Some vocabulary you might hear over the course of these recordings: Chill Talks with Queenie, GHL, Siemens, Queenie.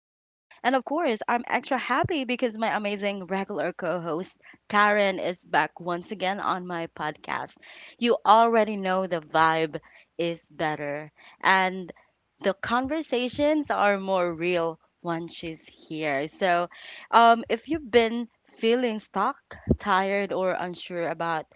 And of course, I'm extra happy because my amazing regular co host Karen is back once again on my podcast. You already know the vibe is better. And the conversations are more real once she's here. So, if you've been feeling stuck, tired, or unsure about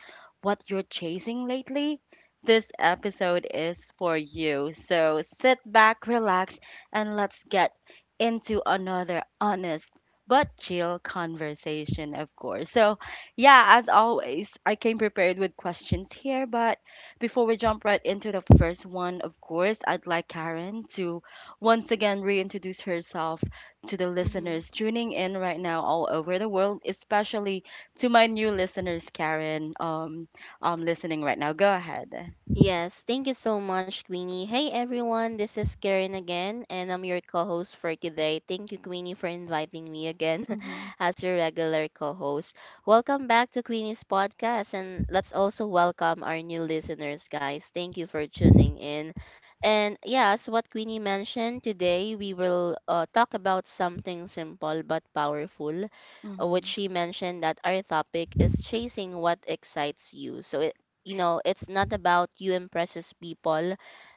what you're chasing lately, this episode is for you. So, sit back, relax, and let's get into another honest but chill conversation, of course. So, yeah, as always, I came prepared with questions here, but before we jump right into the first one, of course, I'd like Karen to once again reintroduce herself to the Mhm. listeners tuning in right now all over the world, especially to my new listeners, Karen, listening right now. Go ahead. Yes, thank you so much, Queenie. Hey everyone, this is Karen again, and I'm your co host for today. Thank you, Queenie, for inviting me again Mm-hmm. as your regular co host. Welcome back to Queenie's podcast, and let's also welcome our new listeners, guys. Thank you for tuning in. And yes, what Queenie mentioned today, we will talk about something simple but powerful which Mm-hmm. she mentioned that our topic is chasing what excites you. So it, you know it's not about you impresses people,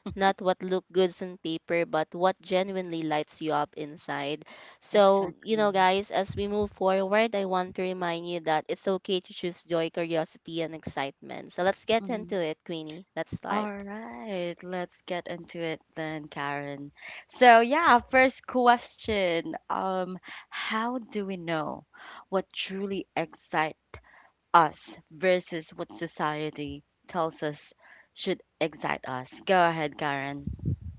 not what look good on paper, but what genuinely lights you up inside. So you Exactly. know, guys, as we move forward, I want to remind you that it's okay to choose joy, curiosity, and excitement. So let's get Hmm. into it, Queenie. Let's start. All right, let's get into it then, Karen. So, yeah, first question. How do we know what truly excites us versus what society tells us should excite us? Go ahead, Karen.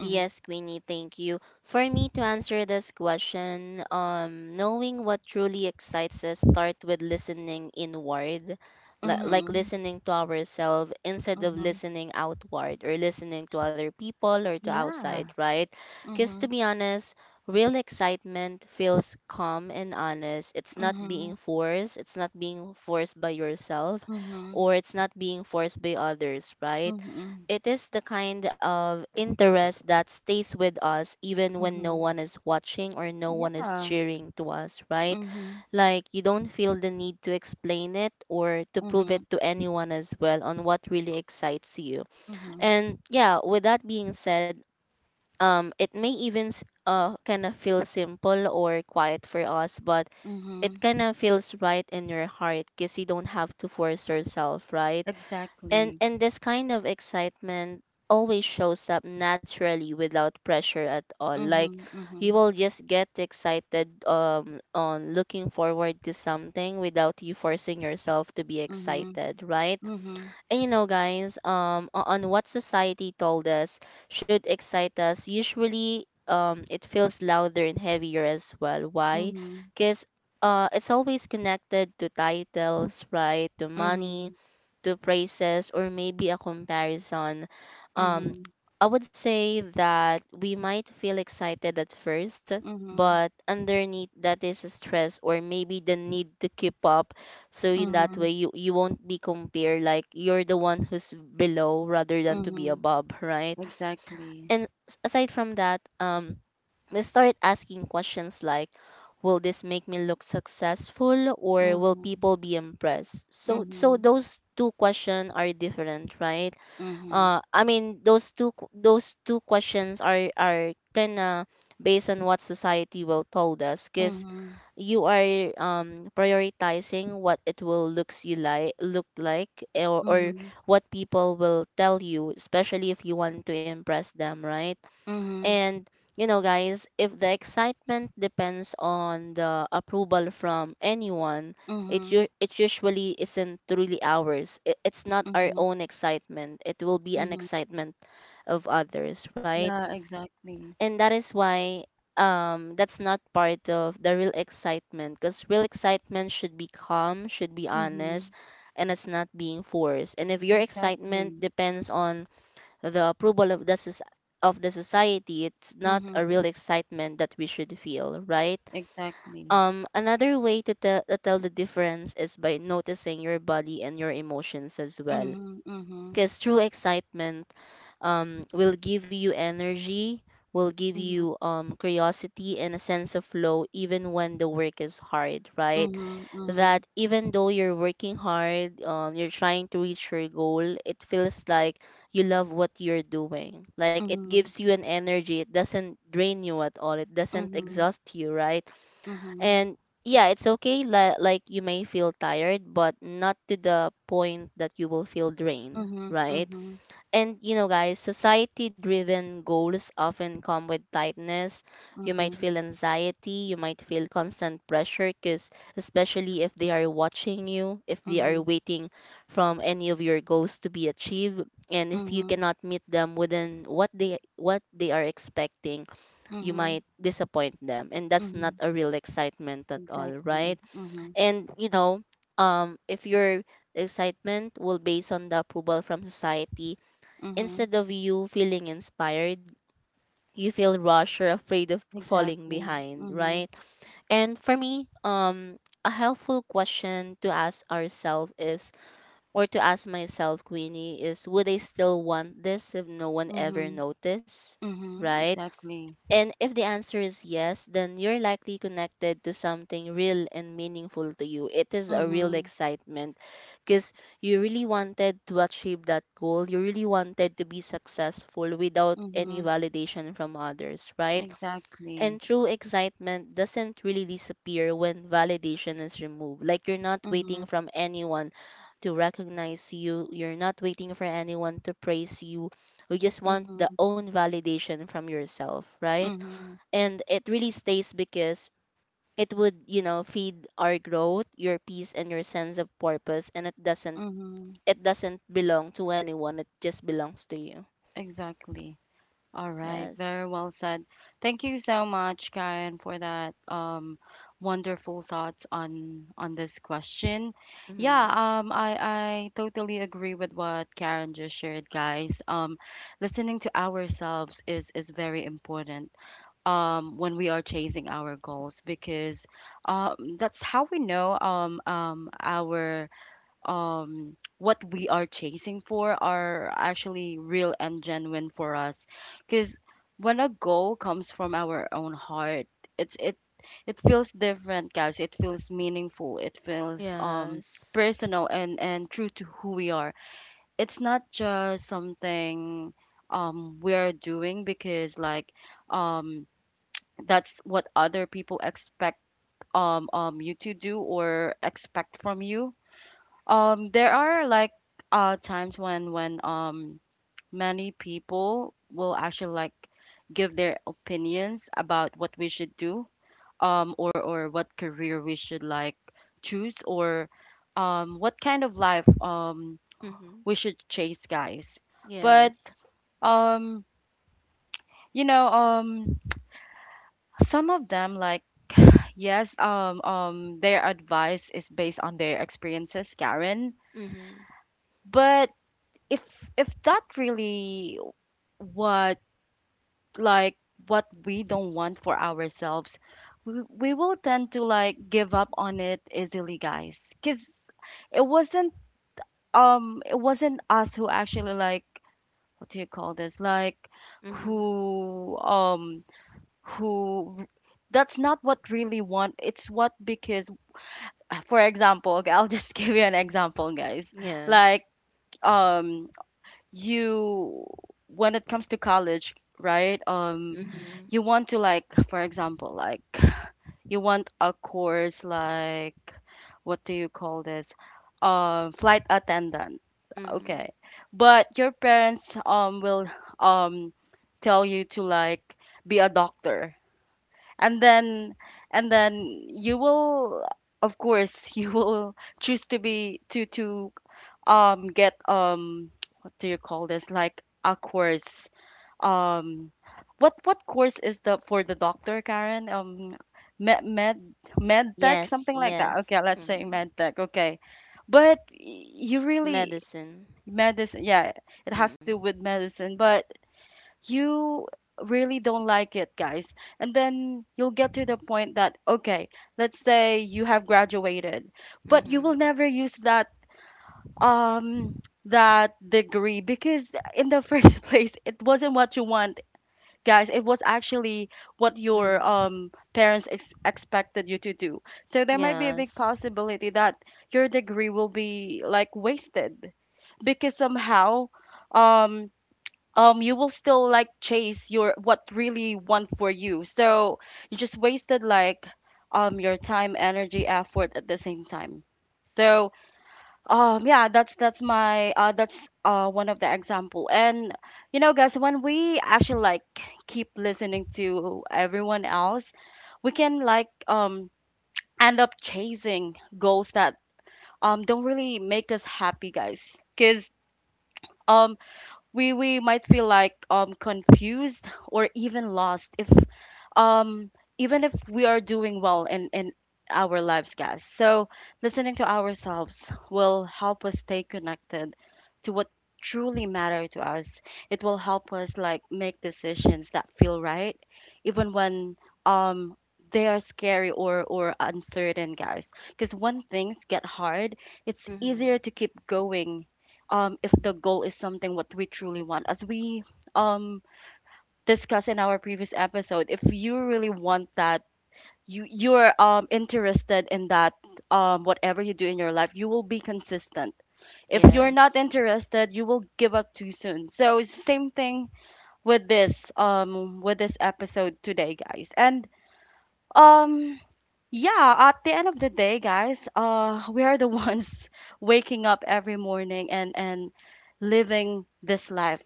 Mhm. Queenie, thank you. For me to answer this question, knowing what truly excites us start with listening inward, like Mhm. listening to ourselves instead of Mhm. listening outward or listening to other people or to outside, Yeah. right? Because to Mhm. be honest, real excitement feels calm and honest. It's not being Mhm. forced. It's not being forced by yourself, Mhm. or it's not being forced by others, right? Mhm. It is the kind of interest that stays with us even when no Mhm. one is watching or no one is Yeah. cheering to us, right? Mhm. Like you don't feel the need to explain it or to prove Mhm. it to anyone as well on what really excites you. Mhm. And yeah, with that being said, it may even kind of feel simple or quiet for us, but it Mhm. kind of feels right in your heart because you don't have to force yourself, right? And Exactly. and this kind of excitement always shows up naturally without pressure at all. Like Mhm. you Mhm. will just get excited on looking forward to something without you forcing yourself to be Mhm. excited, right? Mhm. And you know, guys, on what society told us should excite us, usually it feels louder and heavier as well. Why? Mhm. Because it's always connected to titles, right? To money, Mhm. to praises, or maybe a comparison. um, Mhm. I would say that we might feel excited at first, Mhm. but underneath that is a stress or maybe the need to keep up. So in that Mhm. way, you won't be compared like you're the one who's below rather than to be Mhm. above, right? Exactly. And aside from that, we start asking questions like, will this make me look successful, or will Mhm. people be impressed? So so Mhm. those two questions are different, right? Mhm. I mean those those two questions are kind of based on what society will told us, because Mhm. you are prioritizing what it will looks you like look like, eh, or Mhm, what people will tell you, especially if you want to impress them, right? mhm, You know, guys, if the excitement depends on the approval from anyone, mhm, it usually isn't really ours. It, it's not our mhm, own excitement. It will be an mhm. excitement of others, right? Yeah, exactly. And that is why, that's not part of the real excitement, because real excitement should be calm, should be Mhm, honest, and it's not being forced. And if your excitement exactly. depends on the approval of the of the society, it's not a Mhm, real excitement that we should feel, right? exactly. Another way to tell, to tell the difference is by noticing your body and your emotions as well, Mhm, mhm, because true excitement, will give you energy, will give mhm, you, curiosity and a sense of flow even when the work is hard, right? mhm, mhm, That even though you're working hard, you're trying to reach your goal, it feels like you love what you're doing. Like it mhm, gives you an energy, it doesn't drain you at all, it doesn't exhaust you, right? mhm, And yeah, it's okay. Like you may feel tired, but not to the point that you will feel drained, mhm, mhm, right? mhm, And you know, guys, society driven goals often come with tightness. You might feel anxiety, you might feel constant pressure, because especially if they are watching you, if mhm, they are mhm, waiting from any of your goals to be achieved, and if you mhm, cannot meet them within what they, what they are expecting, you mhm, might disappoint them. And that's not mhm. a real excitement at all, Exactly. right? Mhm, And you know, if your excitement will based on the approval from society mhm, instead of you feeling inspired, you feel rushed or afraid of falling exactly. behind, right? Mhm, And for me, a helpful question to ask ourselves is, or to ask myself, Queenie, is, would I still want this if no one ever mhm, noticed? mhm, Right? exactly. And if the answer is yes, then you're likely connected to something real and meaningful to you. It is a real Mhm, excitement because you really wanted to achieve that goal. You really wanted to be successful without any mhm, validation from others, right? exactly. And true excitement doesn't really disappear when validation is removed. Like you're not waiting Mhm, from anyone to recognize you, you're not waiting for anyone to praise you. You just want the mhm. own validation from yourself, right? Mm-hmm. And it really stays because it would, you know, feed our growth, your peace, and your sense of purpose. And it doesn't, Mm-hmm. it doesn't belong to anyone, it just belongs to you. Exactly. All right. Yes. Very well said. Thank you so much, Karen, for that wonderful thoughts on this question. Yeah, Mhm. I totally agree with what Karen just shared, guys. Listening to ourselves is very important when we are chasing our goals because that's how we know our what we are chasing for are actually real and genuine for us, because when a goal comes from our own heart, it it feels different, guys. It feels meaningful, it feels Yes. personal and true to who we are. It's not just something we're doing because, like, um that's what other people expect you to do or expect from you. There are, like, times when many people will actually, like, give their opinions about what we should do, or what career we should, like, choose, or what kind of life Mhm. we should chase, guys. But Yes. um, you know, some of them, like, yes, their advice is based on their experiences, Karen, Mhm. but if if that really what, like, what we don't want for ourselves, we will tend to, like, give up on it easily, guys, because it wasn't it wasn't us who actually, like, what do you call this, like, Mhm. who um who that's not what really want, it's what because, for example, okay, I'll just give you an example, guys, Yeah. like, um you when it comes to college, right? Mhm. you want to, like, for example, like, you want a course, like, what do you call this, flight attendant, Mhm. okay, but your parents will um tell you to, like, be a doctor, and then and then you will, of course, you will choose to be to get what do you call this, like, a course, um, what course is the for the doctor, Karen? Med med med tech, Yes, something like that. yes. Okay, let's Mhm. say med tech. Okay, but you really Medicine. medicine. Yeah, it has to do Mhm. with medicine, but you really don't like it, guys. And then you'll get to the point that okay, let's say you have graduated, but you will Mhm. never use that um that degree, because in the first place it wasn't what you wanted, guys. It was actually what your Mhm. Parents expected you to do, so there might be a big Yes. possibility that your degree will be like wasted, because somehow um you will still, like, chase your what really want for you, so you just wasted, like, your time, energy, effort at the same time. So yeah, that's my that's one of the example. And you know, guys, when we actually, like, keep listening to everyone else, we can, like, end up chasing goals that don't really make us happy, guys. Cause um we might feel like confused or even lost if um even if we are doing well in our lives, guys. So listening to ourselves will help us stay connected to what truly matter to us. It will help us, like, make decisions that feel right even when um they are scary or uncertain, guys, because when things get hard, it's easier Mhm. to keep going if the goal is something what we truly want. As we um discussed in our previous episode, if you really want that, you you're interested in that, whatever you do in your life, you will be consistent. If you're not Yes. interested, you will give up too soon. So it's the same thing with this episode today, guys. And um yeah, at the end of the day, guys, we are the ones waking up every morning and living this life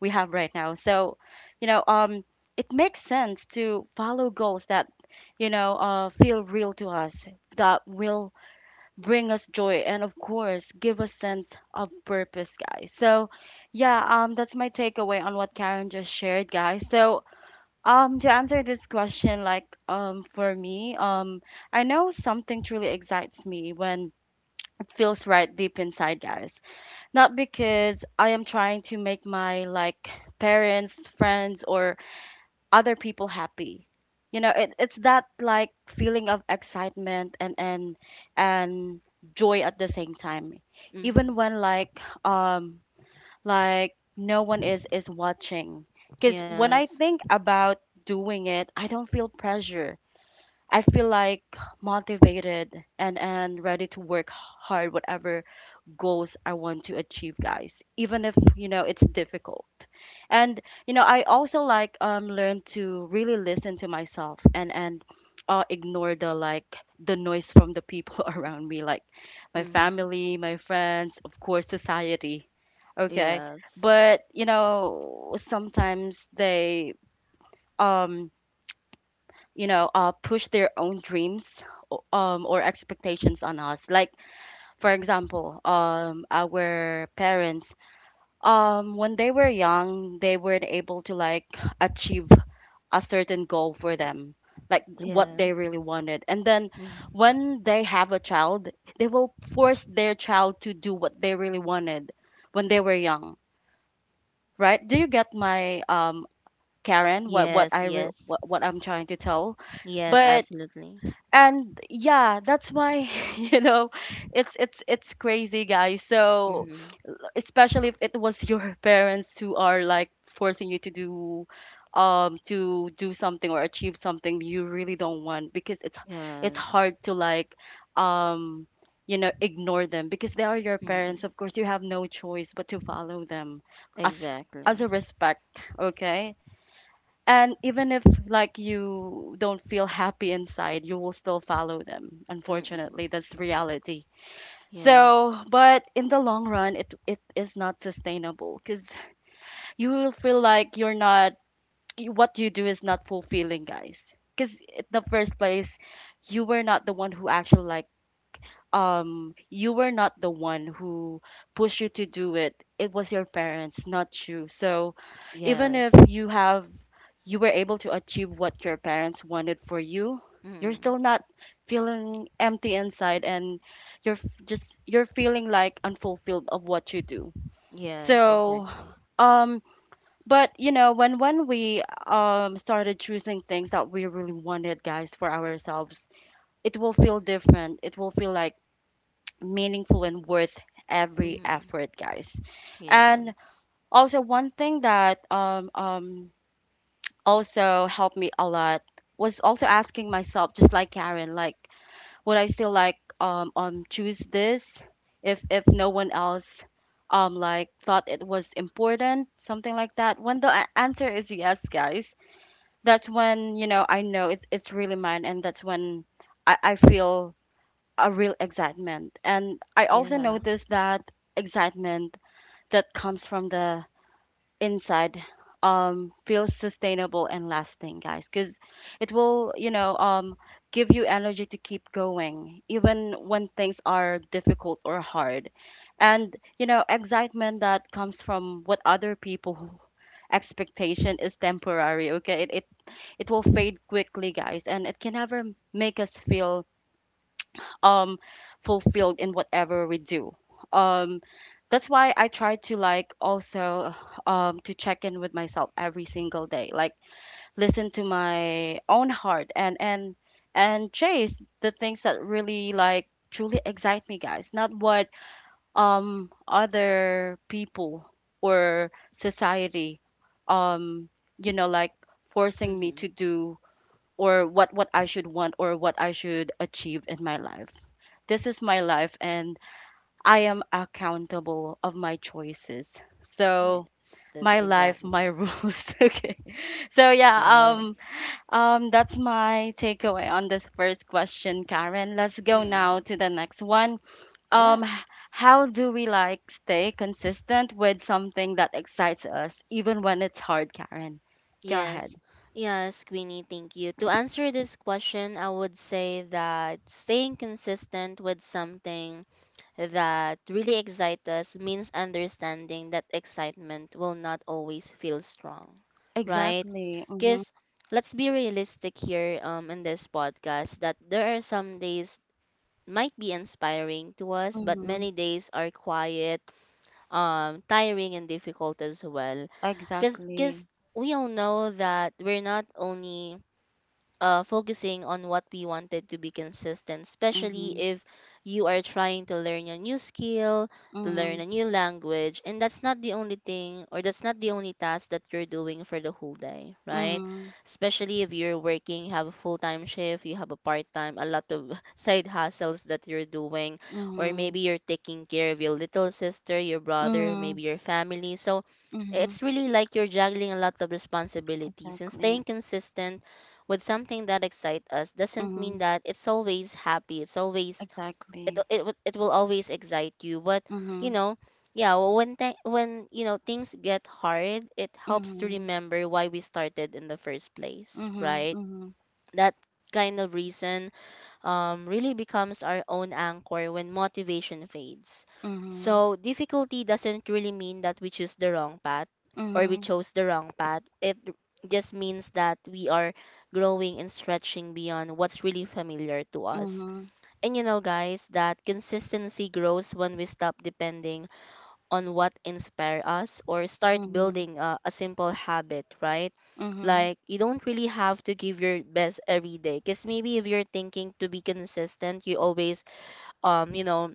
we have right now. So, you know, it makes sense to follow goals that, you know, feel real to us, that will bring us joy, and of course, give us sense of purpose, guys. So, yeah, that's my takeaway on what Karen just shared, guys. So, to answer this question, like, for me, I know something truly excites me when it feels right deep inside, guys. Not because I am trying to make my, like, parents, friends, or other people happy. You know, it, it's that, like, feeling of excitement and joy at the same time. Even Mhm. when, like no one is watching, because when I Yes. think about doing it, I don't feel pressure. I feel like motivated and ready to work hard whatever goals I want to achieve, guys, even if, you know, it's difficult. And, you know, I also like learn to really listen to myself and ignore the like the noise from the people around me, like my Mhm. family, my friends, of course, society. Okay. Yes. But, you know, sometimes they um, you know, push their own dreams or expectations on us. Like for example, our parents when they were young they weren't able to, like, achieve a certain goal for them, like what Yeah. they really wanted, and then Mm. when they have a child they will force their child to do what they really wanted when they were young, right? Do you get my Karen what Yes, yes. What I'm trying to tell? Yes, But absolutely. and yeah, that's why you know it's it's crazy, guys, so Mm-hmm. especially if it was your parents who are like forcing you to do something or achieve something you really don't want, because it's Yes. hard to, like, um you know ignore them because they are your Mm-hmm. parents, of course you have no choice but to follow them as a Exactly. respect, okay, and even if like you don't feel happy inside, you will still follow them, Mm-hmm. unfortunately that's reality. Yes. So, but in the long run, it is not sustainable because you will feel like you're not what you do is not fulfilling, guys. Because in the first place, you were not the one who actually, like, you were not the one who pushed you to do it. It was your parents, not you. So even if Yes. you have you were able to achieve what your parents wanted for you, you're Mm-hmm. still not feeling empty inside, and you're just you're feeling like unfulfilled of what you do. Yes, So exactly. um but you know, when we started choosing things that we really wanted, guys, for ourselves, it will feel different. It will feel like meaningful and worth every Mm-hmm. effort, guys. And Yes. also one thing that also helped me a lot was also asking myself, just like Karen, like would I still like choose this if no one else like thought it was important, something like that. When the answer is yes, guys, that's when you know I know it's really mine, and that's when I feel a real excitement. And I also Yeah. notice that excitement that comes from the inside feels sustainable and lasting, guys, because it will give you energy to keep going even when things are difficult or hard. And you know excitement that comes from what other people expectation is temporary, okay, it will fade quickly, guys, and it can never make us feel um fulfilled in whatever we do. um that's why I try to, like, also to check in with myself every single day, like listen to my own heart, and and chase the things that really, like, truly excite me, guys, not what other people or society um you know like forcing me to Mm-hmm. do, or what I should want or what I should achieve in my life. This is my life, and I am accountable of my choices. So Yes, that my life, my exactly. rules. Okay. So yeah, Yes. That's my takeaway on this first question, Karen. Let's go now Mm-hmm. to the next one. Um Yeah. h- how do we, like, stay consistent with something that excites us even when it's hard, Karen? Go Yes. ahead. Yes, Queenie, thank you. To answer this question, I would say that staying consistent with something that really excite us means understanding that excitement will not always feel strong, right? Exactly. Because let's be realistic here, in this podcast, that there are some days might be inspiring to us, but Mm-hmm. many days are quiet, tiring, and difficult as well. Because Exactly. we all know that we're not only focusing on what we wanted to be consistent, especially Mhm. if you are trying to learn a new skill, to learn Mhm. a new language, and that's not the only thing, or that's not the only task that you're doing for the whole day, right? Mhm. Especially if you're working, you have a full time shift, you have a part time, a lot of side hustles that you're doing, or Mhm. maybe you're taking care of your little sister, your brother, Mhm. maybe your family. So Mhm. it's really like you're juggling a lot of responsibilities, and Exactly. staying consistent with something that excites us doesn't mean Mhm. that it's always happy. It's always, Exactly. It will always excite you. But you Mhm. know, yeah, when when, you know, things get hard, it helps to Mhm. remember why we started in the first place, Mhm. right? Mhm. That kind of reason, really becomes our own anchor when motivation fades. Mhm. So, difficulty doesn't really mean that we choose the wrong path, or we Mhm. chose the wrong path. It just means that we are growing and stretching beyond what's really familiar to us. Mhm. And you know, guys, that consistency grows when we stop depending on what inspire us or start Mhm. building a simple habit, right? Mhm. Like you don't really have to give your best every day, because maybe if you're thinking to be consistent, you always, you know,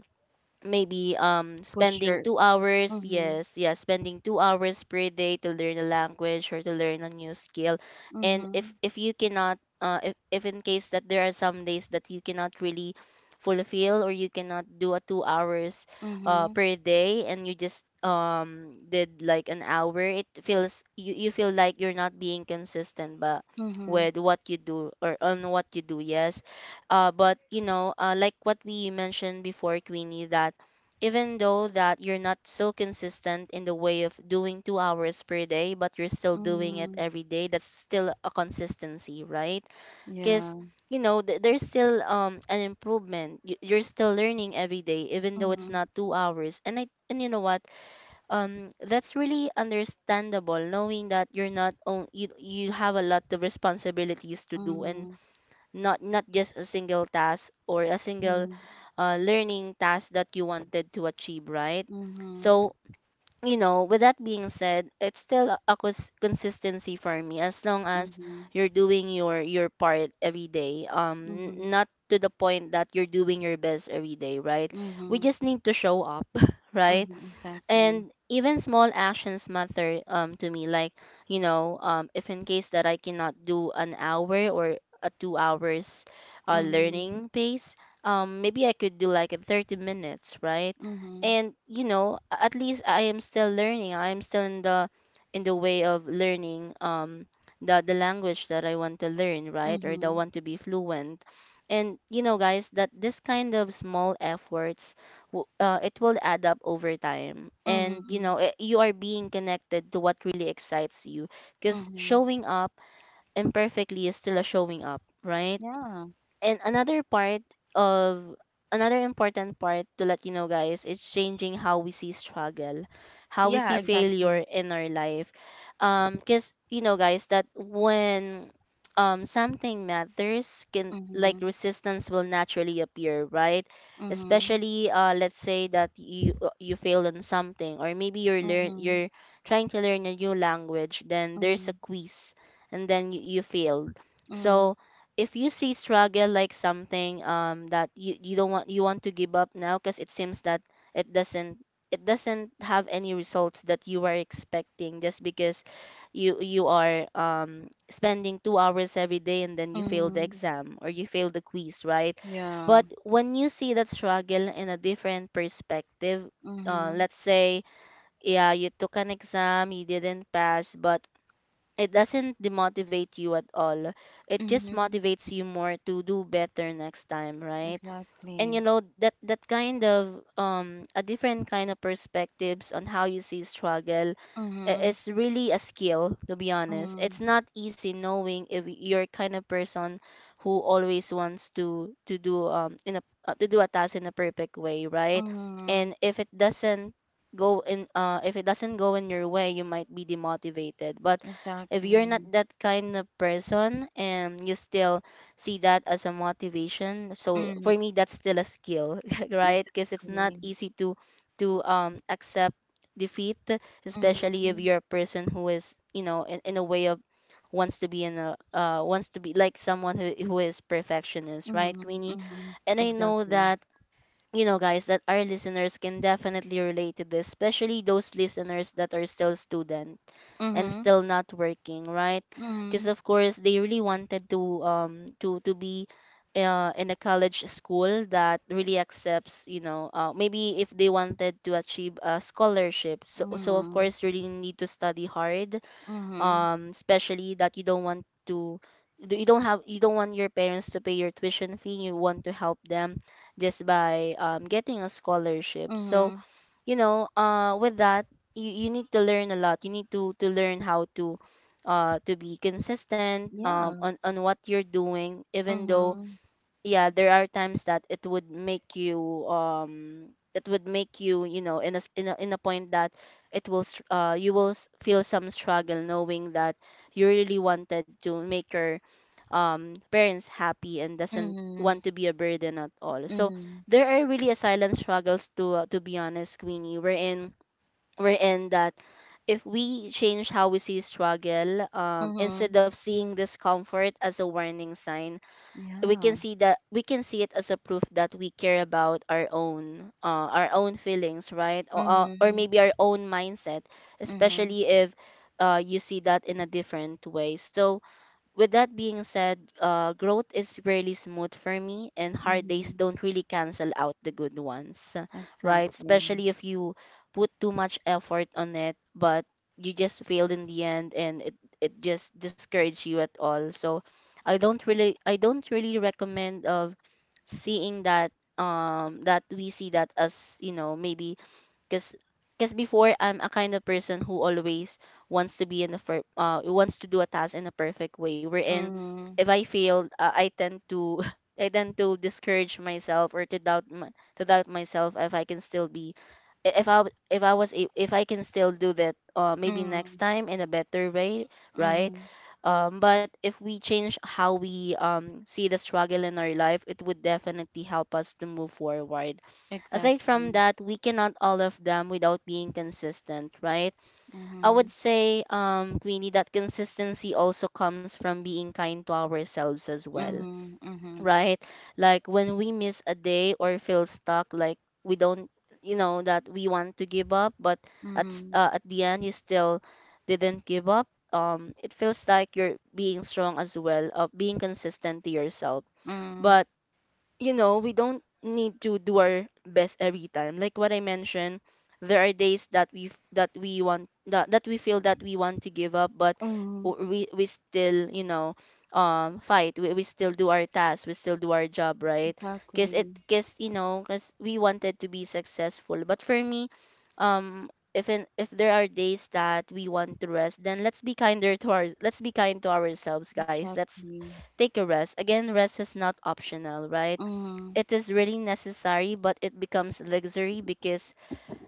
maybe Push spending your. 2 hours, Mhm. yes, yeah, spending 2 hours per day to learn a language or to learn a new skill. And Mhm. if you cannot, if in case that there are some days that you cannot really fulfill, or you cannot do a 2 hours Mhm. per day, and you just did like an hour, it feels, you feel like you're not being consistent, but Mhm. with what you do or on what you do. Yes. But you know, like what we mentioned before, Queenie, that even though that you're not so consistent in the way of doing 2 hours per day, but you're still doing it Mhm. every day, that's still a consistency, right? Yeah. Because, you know, there's still an improvement. You're still learning every day even though it's Mhm. not 2 hours. And I, and you know what, that's really understandable, knowing that you're not on, you have a lot of responsibilities to do, and Mhm. not, not just a single task or a single Mhm. Learning task that you wanted to achieve, right? Mhm. So you know, with that being said, it's still a consistency for me, as long as Mhm. you're doing your part every day, Mhm. not to the point that you're doing your best every day, right? We Mhm. just need to show up. Right? Mhm. Exactly. And even small actions matter, to me. Like, you know, if in case that I cannot do an hour or a 2 hours Mhm. learning pace. Maybe I could do like a 30 minutes, right? Mhm. And at least I am still learning, I am still in the way of learning the language that I want to learn, right? Or the Mhm. want to be fluent. And you know, guys, that this kind of small efforts it will add up over time. And you Mhm, know, you are being connected to what really excites you. Because mhm. showing up imperfectly is still a showing up, right? Yeah. And another part of another important part to let you know, guys, is changing how we see struggle, how we Yeah, see exactly. failure in our life. Because you know, guys, that when something matters can, like, Mhm, resistance will naturally appear, right? mhm, Especially let's say that you you failed on something. Or maybe mhm, you're trying to learn a new language, then there's mhm, a quiz, and then you failed. mhm, So if you see struggle like something that you don't want, you want to give up now because it seems that it doesn't it doesn't have any results that you are expecting, just because you are spending 2 hours every day and then you fail the mhm. exam or you fail the quiz, right? Yeah. But when you see that struggle in a different perspective, Mhm, let's say, yeah, you took an exam, you didn't pass, but it doesn't demotivate you at all. It just mhm. motivates you more to do better next time, right? And Exactly. you know that that kind of a different kind of perspectives on how you see struggle Mhm, is really a skill, to be honest. mhm, It's not easy knowing if you're kind of person who always wants to do in a to do a task in a perfect way, right? mhm. And if it doesn't go in if it doesn't go in your way, you might be demotivated. But if you're not Exactly. that kind of person and you still see that as a motivation, so Mhm, for me that's still a skill right? Because it's not exactly. easy to accept defeat, especially if Mhm, you're a person who is, you know, in a way of wants to be in a wants to be like someone who is perfectionist, right, mhm, Queenie? mhm. And I know Exactly. that you know, guys, that our listeners can definitely relate to this, especially those listeners that are still students and Mhm, still not working, right? Because mhm, of course they really wanted to to be in a college school that really accepts, you know, maybe if they wanted to achieve a scholarship. So, so of mhm, course, really need to study hard, mhm, especially that you don't have, you don't want your parents to pay your tuition fee. You want to help them just by getting a scholarship. So, mhm. you know, with that, you need to learn a lot. You need to learn how to be consistent Yeah. On what you're doing, even though Mhm, yeah, there are times that it would make you it would make you, you know, in a s- in a point that you will feel some struggle knowing that you really wanted to make your parents happy and doesn't mhm, want to be a burden at all. So mhm, there are really a silent struggles to, to be honest, Queenie, we're in that if we change how we see struggle, mhm. instead of seeing discomfort as a warning sign, we Yeah. can see that we can see it as a proof that we care about our own, our own feelings, right? Or, or Mhm, maybe our own mindset, mhm, especially if you see that in a different way. So with that being said, growth is really smooth for me, and hard days mhm. don't really cancel out the good ones, right? Exactly. Especially if you put too much effort on it, but you just failed in the end, and it just discourages you at all. So, I don't really recommend of seeing that that we see that as you know, maybe because because before I'm a kind of person who always wants to be in the wants to do a task in a perfect way. Wherein Mhm, if I failed, I tend to I tend to discourage myself or to doubt my, to doubt myself if I can still be I- if I w- if I was a- if I can still do that maybe next mhm, time in a better way, right? mhm. But if we change how we see the struggle in our life, it would definitely help us to move forward. Aside from Exactly. that, we cannot all of them without being consistent, right? I would Mhm, say, Queenie, that consistency also comes from being kind to ourselves as well, mhm, mhm, right? Like when we miss a day or feel stuck, like we don't, you know, that we want to give up, but mhm, at the end, you still didn't give up. It feels like you're being strong as well, of being consistent to yourself. mhm, But you know, we don't need to do our best every time. Like what I mentioned, there are days that we f- that we want that, that we feel that we want to give up, but mhm. We still, you know, fight. We still do our task. We still do our job, right? Cause it Exactly, cause you know, cause we wanted to be successful. But for me, um. if, if there are days that we want to rest, then let's be kind to ourselves, guys. Let's exactly. take a rest. Again, rest is not optional, right? Mhm, It is really necessary, but it becomes luxury because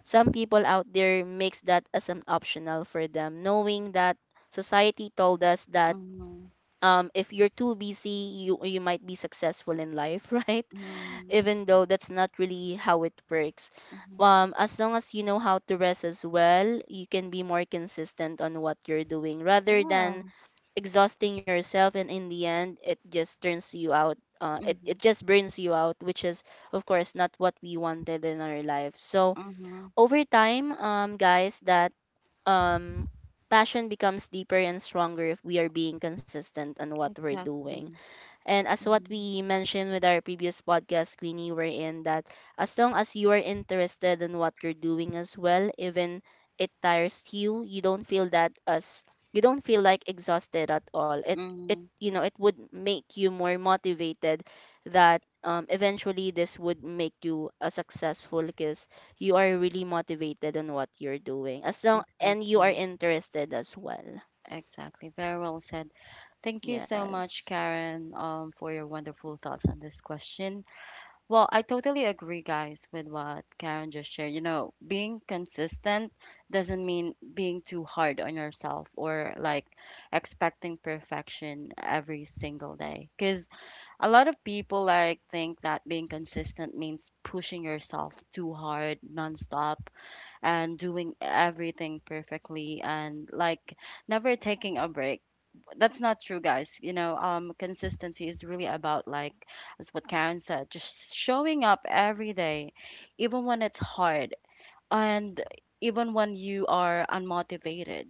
some people out there makes that as an optional for them, knowing that society told us that, mhm, if you're too busy you might be successful in life right? mhm, Even though that's not really how it works. mhm. As long as you know how to rest as well, you can be more consistent on what you're doing rather than Yeah. exhausting yourself, and in the end it just turns you out, it Mhm, just burns you out, which is of course not what we wanted in our life. So mhm. over time, guys, that um passion becomes deeper and stronger if we are being consistent on what we're doing. Exactly. And as what Mhm, we mentioned with our previous podcast, Queenie, we're in that as long as you are interested in what you're doing as well, even it tires you, you don't feel that as you don't feel like exhausted at all. It, mhm. you know, it would make you more motivated that, eventually this would make you a successful, because you are really motivated on what you're doing, as long and you are Exactly. interested as well. Exactly. Very well said. Thank you so much, Yes. Karen, for your wonderful thoughts on this question. Well, I totally agree, guys, with what Karen just shared. You know, being consistent doesn't mean being too hard on yourself, or like expecting perfection every single day. Because a lot of people, like, think that being consistent means pushing yourself too hard, nonstop, and doing everything perfectly and, like, never taking a break. That's not true, guys. You know, consistency is really about, like, as what Karen said, just showing up every day, even when it's hard, and even when you are unmotivated,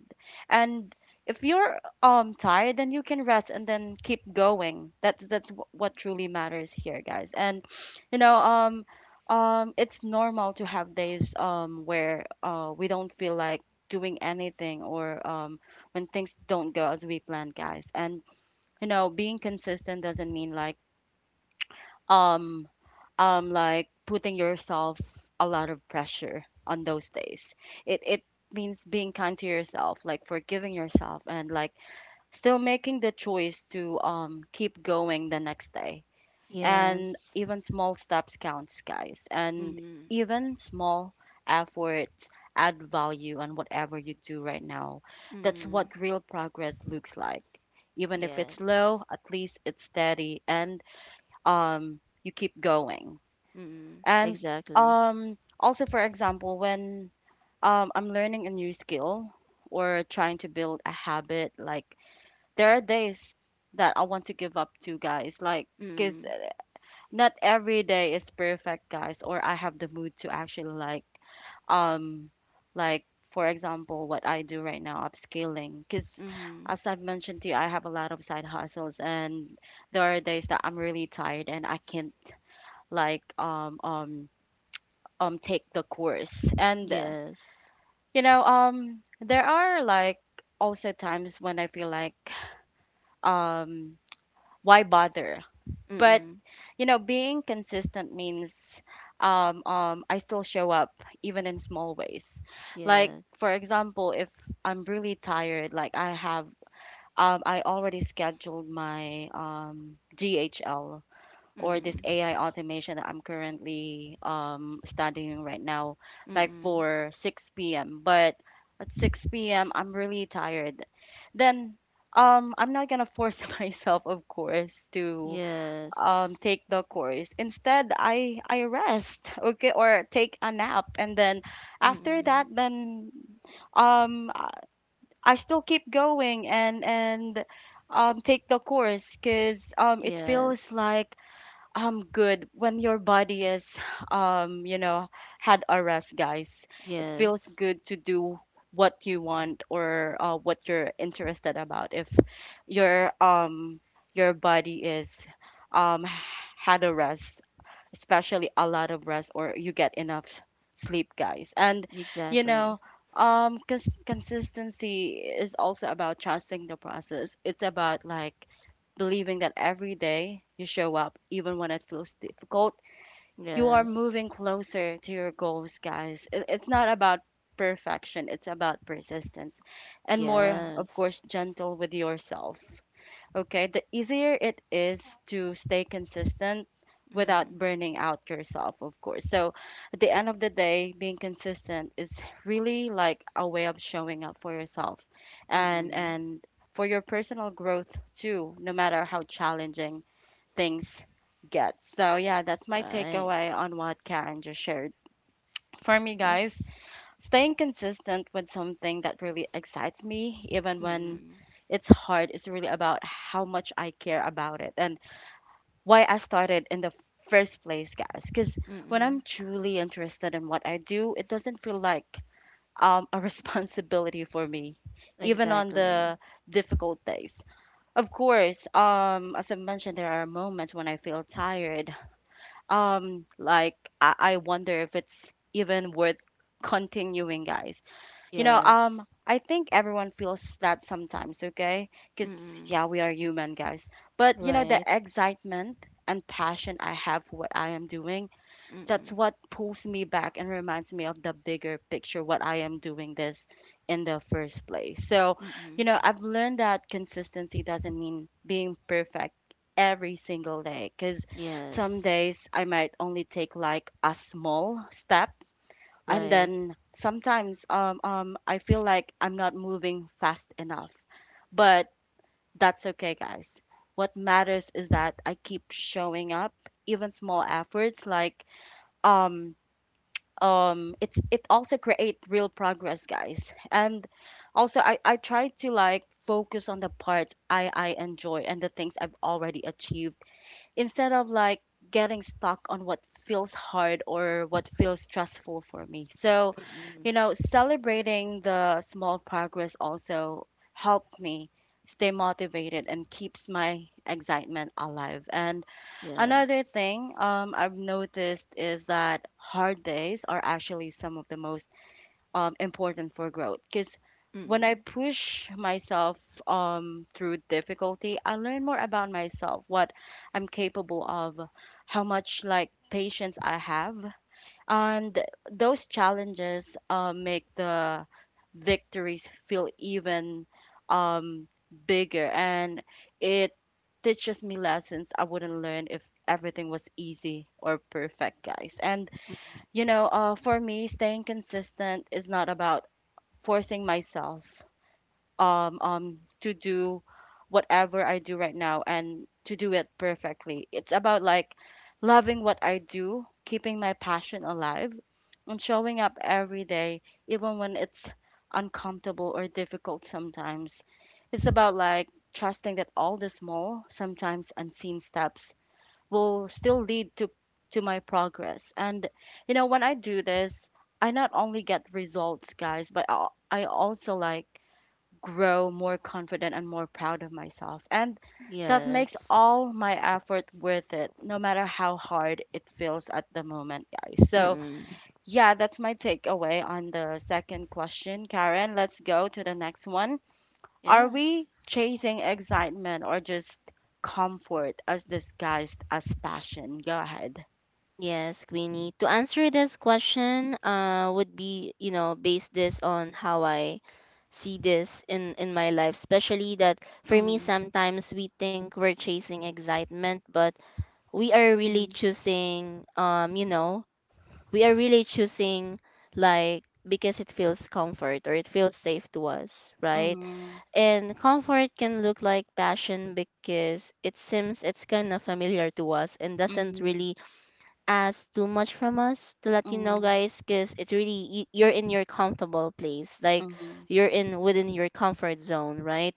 and if you're tired, then you can rest and then keep going. That's what truly matters here, guys. And you know, it's normal to have days where we don't feel like doing anything, or when things don't go as we planned, guys. And you know, being consistent doesn't mean, like, um like putting yourself a lot of pressure on those days. It means being kind to yourself, like forgiving yourself, and like still making the choice to keep going the next day. Yes. And even small steps counts, guys, and Mm-hmm. even small efforts add value on whatever you do right now. That's what real progress looks like. Even if it's Yes. low, at least it's steady, and you keep going. Mm. And Exactly. Also, for example, when I'm learning a new skill or trying to build a habit, like there are days that I want to give up to, guys. Like, because Mm. not every day is perfect, guys, or I have the mood to actually, like, um like for example, what I do right now, upscaling, because Mm. as I've mentioned to you, I have a lot of side hustles, and there are days that I'm really tired and I can't, like, take the course, and Yes. you know, there are, like, also times when I feel like um why bother. But Mm. you know, being consistent means, I still show up even in small ways. Like, for Yes. example, if I'm really tired, like I have I already scheduled my GHL or this Mm. AI automation that I'm currently studying right now, like Mm. for 6 p.m. But at 6 p.m., I'm really tired. Then I'm not gonna force myself, of course, to Yes. Take the course. Instead, I rest, okay, or take a nap, and then after that, Mm. then I still keep going, and take the course because it feels Yes. like good. When your body is, you know, had a rest, guys, it feels Yes. good to do what you want, or what you're interested about. If your your body is um had a rest, especially a lot of rest, or you get enough sleep, guys. And you Exactly. know, consistency is also about trusting the process. It's about, like, believing that every day you show up, even when it feels difficult, you are Yes. moving closer to your goals, guys. It's not about perfection, it's about persistence, and more, of course, Yes. gentle with yourself. Okay, the easier it is to stay consistent without Mm. burning out yourself, of course. So at the end of the day, being consistent is really like a way of showing up for yourself and Mm. and for your personal growth too, no matter how challenging things get. So yeah, that's my Right. takeaway on what Karen just shared. For me, Yes. guys, staying consistent with something that really excites me, even when Mm. it's hard, is really about how much I care about it, and why I started in the first place, guys. Because when I'm Mm. truly interested in what I do, it doesn't feel like a responsibility for me, even on Exactly. the difficult days. Of course, as I mentioned, there are moments when I feel tired. Like I wonder if it's even worth continuing, guys. You know, Yes. I think everyone feels that sometimes, okay? Because, Mm. yeah, we are human, guys. But, you know, Right. the excitement and passion I have for what I am doing, that's Mm. what pulls me back and reminds me of the bigger picture, what I am doing this in the first place. So, you Mm. know, I've learned that consistency doesn't mean being perfect every single day, because some Yes. days I might only take like a small step, and Right. then sometimes, I feel like I'm not moving fast enough. But that's okay, guys. What matters is that I keep showing up, even small efforts, like um, it also create real progress, guys. And also, I try to, like, focus on the parts I enjoy and the things I've already achieved, instead of, like, getting stuck on what feels hard or what feels stressful for me. So, Mm. you know, celebrating the small progress also helped me stay motivated and keeps my excitement alive. And Yes. another thing, I've noticed is that hard days are actually some of the most important for growth, because when I Mm-mm. push myself through difficulty, I learn more about myself, what I'm capable of, how much like patience I have, and those challenges make the victories feel even um, bigger, and it teaches me lessons I wouldn't learn if everything was easy or perfect, guys. And Mm-mm. you know, for me, staying consistent is not about forcing myself to do whatever I do right now, and to do it perfectly. It's about, like, loving what I do, keeping my passion alive, and showing up every day, even when it's uncomfortable or difficult sometimes. It's about, like, trusting that all the small, sometimes unseen steps will still lead to my progress. And you know, when I do this, I not only get results, guys, but I also, like, grow more confident and more proud of myself, and that makes Yes. all my effort worth it, no matter how hard it feels at the moment, guys. So Mm-mm. yeah, that's my takeaway on the second question, Karen. Let's go to the next one. Are Yes. we chasing excitement or just comfort as disguised as passion? Go ahead. Yes, Queenie. To answer this question, would be, you know, base this on how I see this in my life, especially that for me Mm-hmm. sometimes we think we're chasing excitement, but we are really Mm-hmm. choosing, you know, we are really choosing like because it feels comfort or it feels safe to us, right? And comfort can look like passion because it seems it's kind of familiar to us, and doesn't Mm-hmm. really ask too much from us to let you know, Mm-hmm. guys, because it really, you're in your comfortable place. Like Mm-hmm. you're in within your comfort zone, right?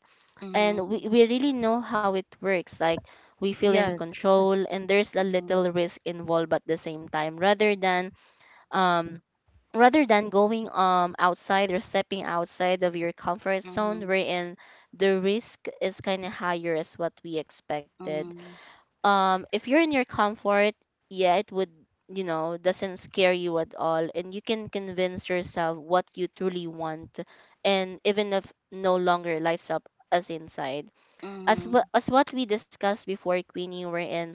And Mm-hmm. We really know how it works. Like we feel in Yes. control and there's a Mm-hmm. little risk involved at the same time rather than um rather than going outside or stepping outside of your comfort zone, Mm-hmm. we in the risk is kind of higher as what we expected. Mm-hmm. If you're in your comfort, yeah, it would, doesn't scare you at all, and you can convince yourself what you truly want. And even if no longer lights up as inside, as what we discussed before, Queenie, we in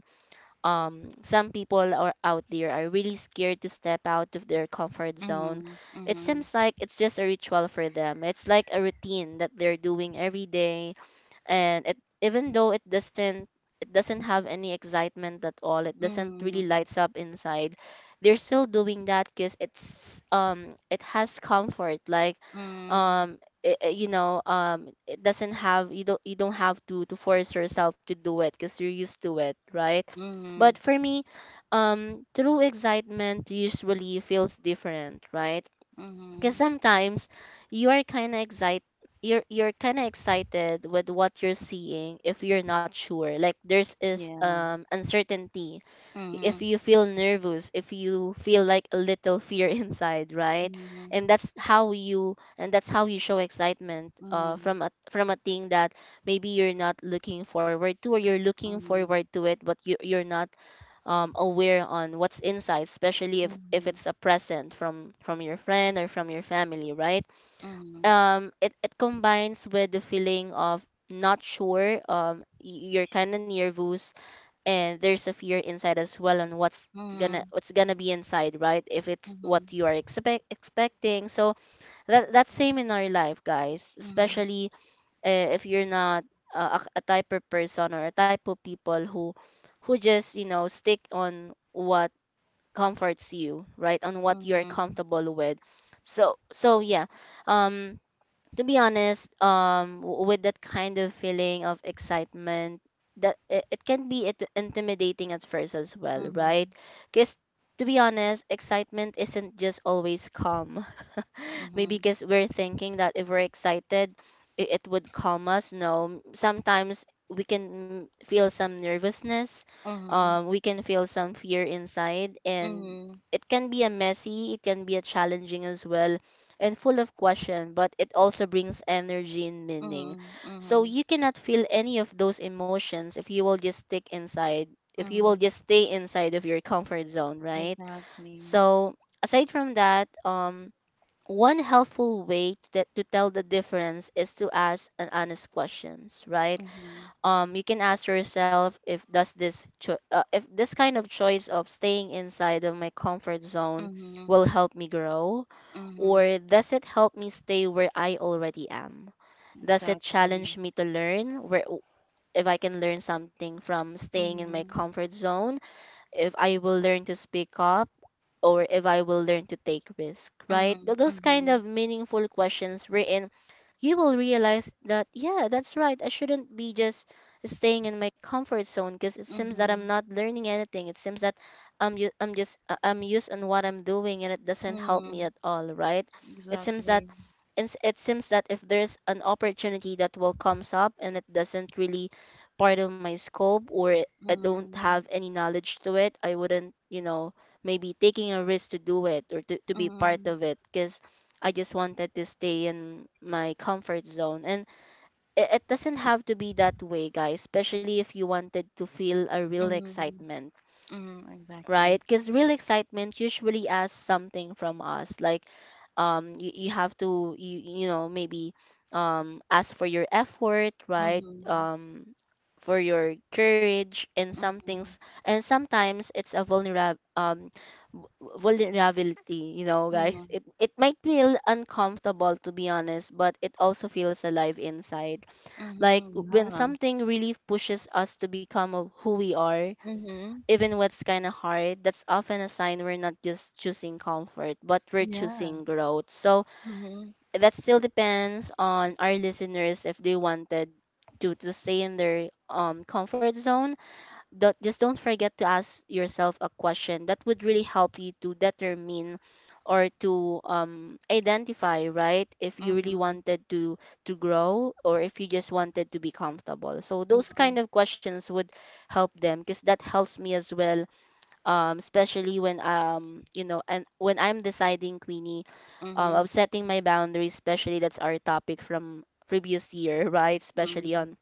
some people are out there are really scared to step out of their comfort Mm-hmm. zone. Mm-hmm. It Mm-hmm. seems like it's just a ritual for them. It's like a routine that they're doing every day. And it, even though it doesn't have any excitement at all, it doesn't really lights up inside. They're still doing that because it's, it has comfort. Like Mm-hmm. Mm-hmm. um it doesn't have, you don't have to force yourself to do it because you're used to it, right? Mm-hmm. But for me, true excitement usually feels different, right? Because Mm-hmm. sometimes you are kind of excited. You're kind of excited with what you're seeing if you're not sure. Like there's is Yeah. Uncertainty. If Mm-hmm. you feel nervous, if you feel like a little fear inside, right? Mm-hmm. And that's how you show excitement Mm-hmm. from a thing that maybe you're not looking forward to, or you're looking Mm-hmm. forward to it but you're not aware on what's inside, especially if Mm-hmm. it's a present from your friend or from your family, right? Mm-hmm. It combines with the feeling of not sure. You're kind of nervous, and there's a fear inside as well on what's Mm-hmm. gonna be inside, right? If it's what Mm-hmm. you are expect expecting, so that's same in our life, guys. Especially if you're not a type of person or a type of people who just stick on what comforts you, right? On what you're Mm-hmm. comfortable with. So, yeah. Um to be honest, with that kind of feeling of excitement, that it can be it intimidating at first as well, right? Mm-hmm. Cuz to be honest, excitement isn't just always calm, maybe Mhm, because we're thinking that if we're excited, it would calm us. No, sometimes we can feel some nervousness, mhm, we can feel some fear inside, and mhm, it can be a messy, it can be a challenging as well, and full of question, but it also brings energy and meaning. mhm, So mhm, you cannot feel any of those emotions if you will just stick inside, if you will mhm. just stay inside of your comfort zone, right? Exactly. So aside from that, one helpful way that to tell the difference is to ask an honest questions, right? Mhm, you can ask yourself, if does this if this kind of choice of staying inside of my comfort zone mhm, will help me grow, mhm. or does it help me stay where I already am? Does it Exactly. challenge me to learn where, if I can learn something from staying in my Mhm, comfort zone, if I will learn to speak up, or if I will learn to take risk, right? mhm, Those kind mhm, of meaningful questions wherein you will realize that, yeah, that's right. I shouldn't be just staying in my comfort zone because it seems that I'm mhm, not learning anything. It seems that I'm, I'm just, I'm used on what I'm doing and it doesn't help me mhm. at all, right? It seems that, Exactly. It seems that if there's an opportunity that will comes up and it doesn't really part of my scope or I don't Mhm, have any knowledge to it, I wouldn't, maybe taking a risk to do it or to be part mhm, of it because I just wanted to stay in my comfort zone. And it doesn't have to be that way, guys, especially if you wanted to feel a real mhm, excitement, mhm. Exactly. right? Because real excitement usually asks something from us, like you have to, maybe ask for your effort, right? Mhm, For your courage and some things, mhm, and sometimes it's a v- vulnerability, you know, guys. mhm, It might feel uncomfortable to be honest, but it also feels alive inside. Like mhm. when Yeah. something really pushes us to become of who we are, Mhm. even what's kind of hard, that's often a sign we're not just choosing comfort, but we're Yeah. choosing growth. So Mhm, that still depends on our listeners if they wanted to stay in their comfort zone. Don't, just don't forget to ask yourself a question that would really help you to determine or to identify, right? If you really mhm, wanted to grow, or if you just wanted to be comfortable. So those mhm, kind of questions would help them because that helps me as well, especially when and when I'm deciding, Queenie, of mhm, setting my boundaries, especially that's our topic from previous year right? Especially on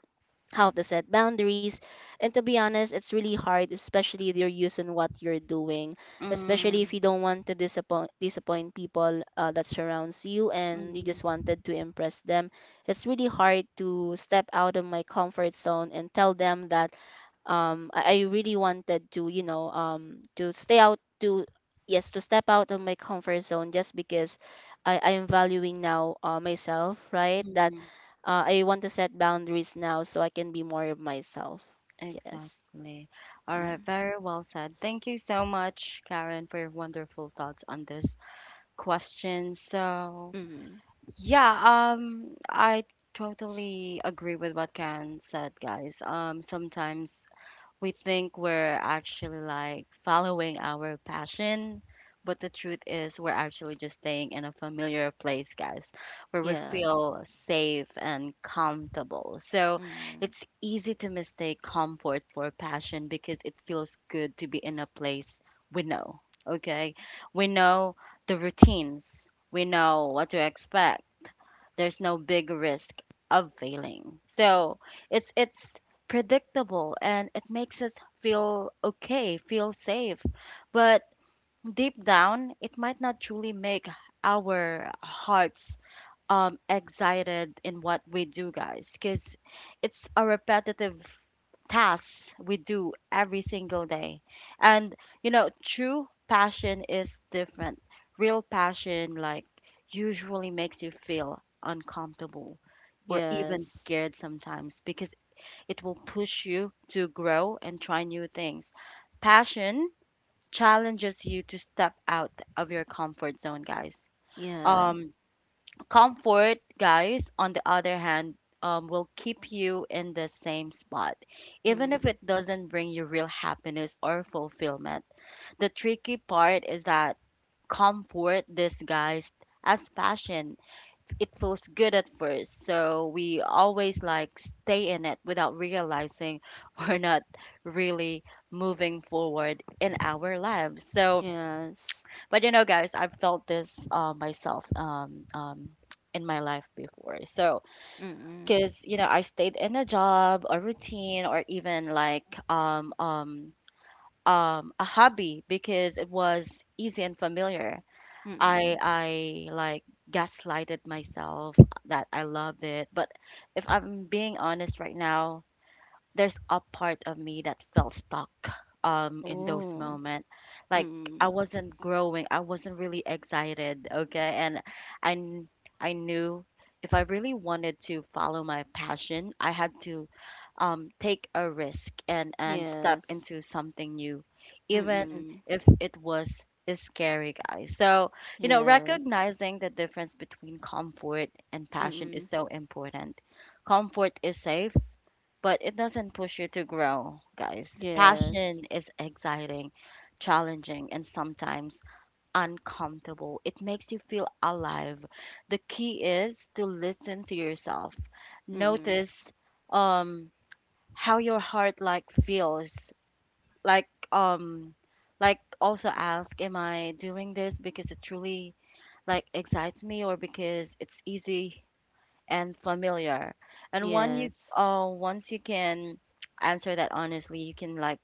how to set boundaries. And to be honest, it's really hard, especially if you're using what you're doing, especially mhm, if you don't want to disappoint people that surrounds you and you just mhm, wanted to impress them. It's really hard to step out of my comfort zone and tell them that I really wanted to, you know, to stay out to, yes, to step out of my comfort zone just because I am valuing now, myself, right? mhm, That mhm. I want to set boundaries now so I can be more of myself. Yes. Exactly. All Mm. right, very well said. Thank you so much, Karen, for your wonderful thoughts on this question. So Mm-hmm. yeah, I totally agree with what Karen said, guys. Sometimes we think we're actually, like, following our passion, but the truth is we're actually just staying in a familiar place, guys, where we Yes. feel safe and comfortable. So Mm-hmm. it's easy to mistake comfort for passion, because it feels good to be in a place we know. Okay, we know the routines, we know what to expect. There's no big risk of failing. So it's predictable, and it makes us feel okay, feel safe. But deep down, it might not truly make our hearts excited in what we do, guys, because it's a repetitive task we do every single day. And you know, true passion is different. Real passion like usually makes you feel uncomfortable or even Yes. scared sometimes because it will push you to grow and try new things. Passion challenges you to step out of your comfort zone, guys. Yeah. um Comfort, guys, on the other hand, will keep you in the same spot, even if Mm-hmm. it doesn't bring you real happiness or fulfillment. The tricky part is that comfort disguised as passion. It feels good at first, so we always like stay in it without realizing we're not really moving forward in our lives. So, Yes. but you know, guys, I've felt this myself in my life before. So, Mm-hmm. because you know, I stayed in a job, a routine, or even like um, um, a hobby because it was easy and familiar. I Mm-hmm. I like gaslighted myself that I loved it, but if I'm being honest right now, there's a part of me that felt stuck in those Oh. moments, like I Mm-hmm. wasn't growing, I wasn't really excited, okay? And i kn- I knew if I really wanted to follow my passion, I had to take a risk and step Yes. into something new, even Mm-hmm. if it was is scary, guys. So, you know, Yes. recognizing the difference between comfort and passion is Mm-hmm. so important. Comfort is safe, but it doesn't push you to grow, guys. Passion Yes. is exciting, challenging, and sometimes uncomfortable. It makes you feel alive. The key is to listen to yourself. Mm-hmm. Notice um how your heart like feels, like um like also ask, am I doing this because it truly like excites me, or because it's easy and familiar? And one you Yes. Once you can answer that honestly, you can like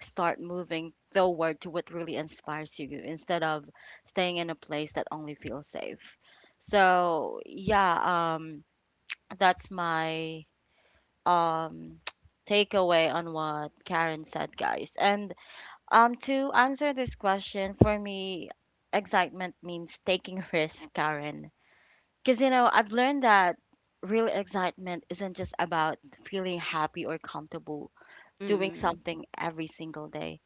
start moving forward to what really inspires you instead of staying in a place that only feels safe. So yeah, that's my um takeaway on what Karen said, guys. And to answer this question, for me, excitement means taking risk, Karen. Because you know, I've learned that real excitement isn't just about feeling happy or comfortable doing Mm-hmm. something every single day.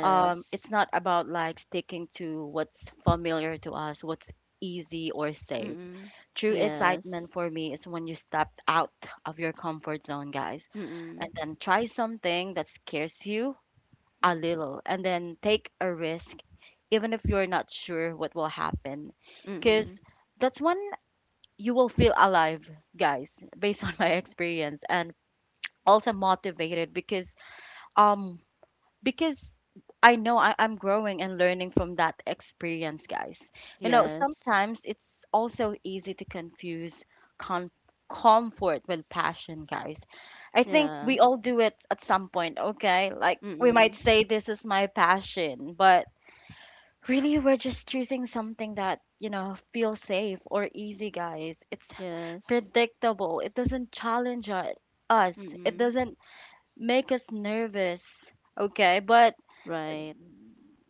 It's not about like sticking to what's familiar to us, what's easy or safe. Mm-hmm. True Yes. excitement for me is when you stepped out of your comfort zone, guys, and Mm-hmm. then try something that scares you a little, and then take a risk even if you're not sure what will happen, because Mm-mm. that's when you will feel alive, guys, based on my experience, and also motivated because um because I know I'm growing and learning from that experience, guys. You know, Yes. sometimes it's also easy to confuse com- comfort with passion, guys. I think Yeah. we all do it at some point, okay? Like, we might Mm-mm. say, this is my passion, but really, we're just choosing something that, you know, feels safe or easy, guys. It's Yes. predictable, it doesn't challenge us, it Mm-mm. doesn't make us nervous, okay? But Right.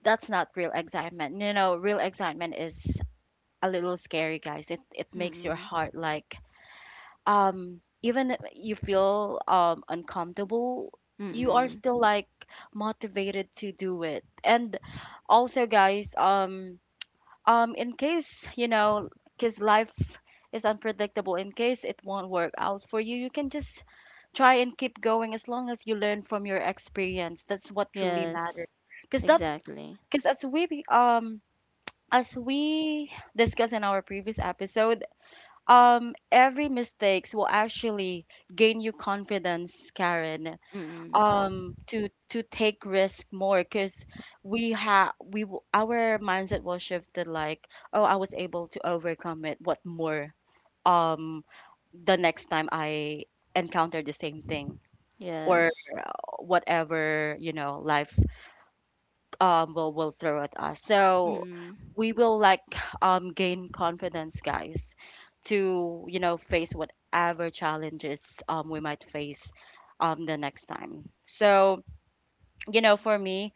that's not real excitement. You know, real excitement is a little scary, guys. It makes your Mm-mm. heart like even if you feel uncomfortable, you are Mm-mm. still like motivated to do it. And also, guys, in case, you know, cuz life is unpredictable, in case it won't work out for you, you can just try and keep going as long as you learn from your experience. That's what truly Yes. matters. Cuz that Exactly. cuz as we discussed in our previous episode, every mistakes will actually gain you confidence, Karen, Mm-mm. To take risk more because we have we w- our mindset was shifted like, oh, I was able to overcome it. What more? Um, the next time I encounter the same thing or Yes. Whatever, you know, life will throw at us. So Mm-mm. we will like gain confidence, guys, to, you know, face whatever challenges we might face the next time. So, you know, for me,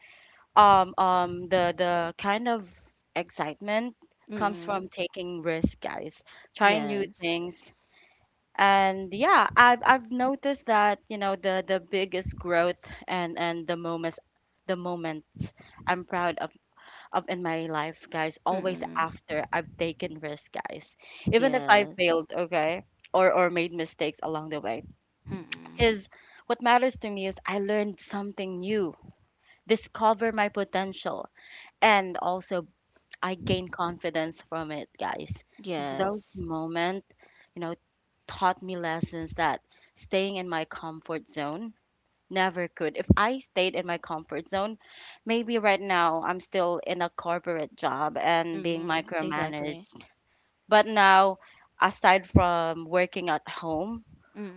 the kind of excitement comes Mm-mm. from taking risk, guys, trying new Yes. things. And yeah, I've noticed that, you know, the biggest growth and the moments, the moment I'm proud up in my life, guys, always Mm-mm. after I've taken risks, guys. Even if I Yes. failed, okay, or made mistakes along the way. Mm-mm. Because what matters to me is I learned something new, discover my potential, and also I gain confidence from it, guys. And those Yes. moments, you know, taught me lessons that staying in my comfort zone never could. If I stayed in my comfort zone, maybe right now I'm still in a corporate job and being Mm-mm. micromanaged. Exactly. But now, aside from working at home,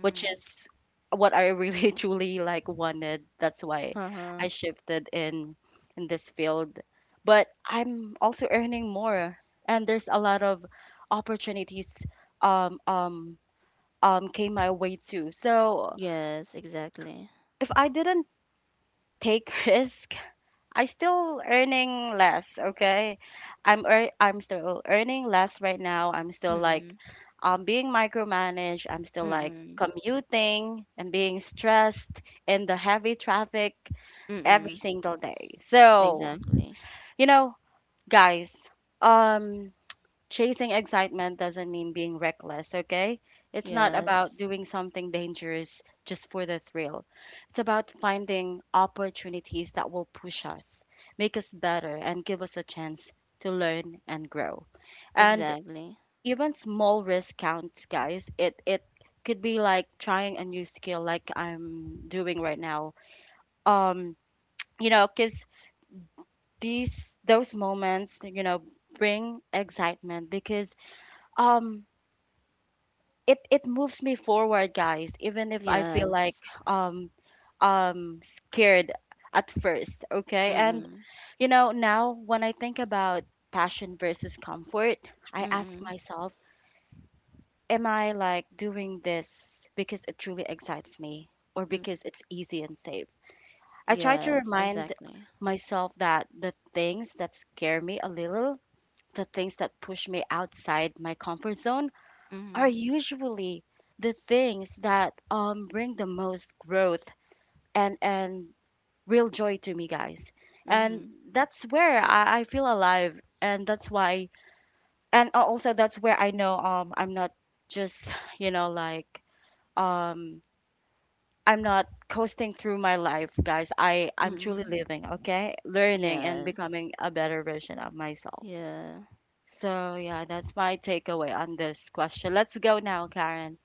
which is what I really truly like wanted, that's why Uh-huh. I shifted in this field. But I'm also earning more, and there's a lot of opportunities um um came my way too. So Yes, exactly. if I didn't take risk, I still earning less, okay? I'm still earning less right now. I'm still like Mm-mm. Being micromanaged. I'm still like Mm-mm. commuting and being stressed in the heavy traffic Mm-mm. every single day. So, Exactly. you know, guys, um chasing excitement doesn't mean being reckless, okay? It's not Yes. about doing something dangerous just for the thrill. It's about finding opportunities that will push us, make us better, and give us a chance to learn and grow. And Exactly. even small risk counts, guys. It could be like trying a new skill like I'm doing right now. Um, you know, 'cause these those moments, you know, bring excitement because um it moves me forward, guys, even if I feel Yes. like um scared at first, okay? And Mm-mm. you know, now when I think about passion versus comfort, I ask Mm-mm. myself, am I like doing this because it truly excites me or Mm. because it's easy and safe? I try to Yes, remind exactly. myself that the things that scare me a little, the things that push me outside my comfort zone are Mm-hmm. usually the things that bring the most growth and real joy to me, guys. Mm-hmm. And that's where I feel alive, and that's why, and al- also that's where I know I'm not just, you know, like, um I'm not coasting through my life, guys. I'm truly Mm-mm. living, okay, learning and Yes. becoming a better version of myself. Yeah. So yeah, that's my takeaway on this question. Let's go now, Karen,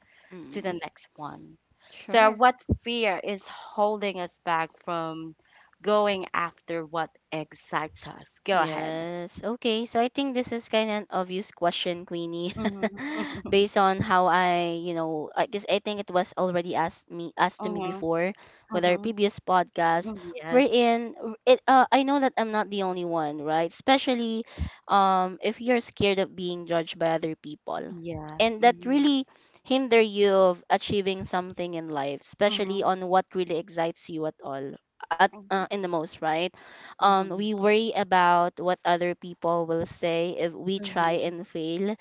to the Mm-mm. next one. So, Sure. what fear is holding us back from going after what excites us? Go ahead. Yes. Okay. So I think this is kind of an obvious question, Queenie, Mm-hmm. based on how I, I guess I think it was already asked to me Mm-hmm. before with our Mm-hmm. previous podcast. Mm-hmm. We're Yes. in it. I know that I'm not the only one, right? Especially, if you're scared of being judged by other people, Yeah. and that Mm-hmm. really hinder you of achieving something in life, especially Mm-hmm. on what really excites you at all, at in the most, right? Mm-hmm. We worry about what other people will say if we try Mm-hmm. and fail.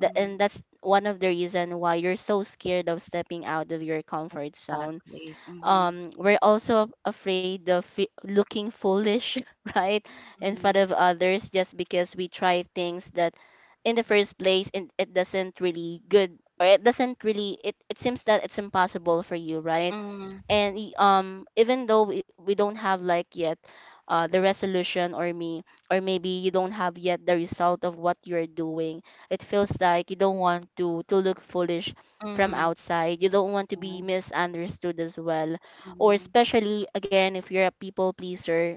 Mm-hmm. And that's one of the reason why you're so scared of stepping out of your comfort zone. Exactly. Mm-hmm. We're also afraid of looking foolish right in front Mm-hmm. of others just because we try things that in the first place and it doesn't really good, or it doesn't really, it seems that it's impossible for you, right? Mm-hmm. And even though we don't have like yet the resolution, or maybe you don't have yet the result of what you're doing, it feels like you don't want to look foolish from Mm-hmm. outside. You don't want to be misunderstood as well, or Mm-hmm. especially again, if you're a people pleaser,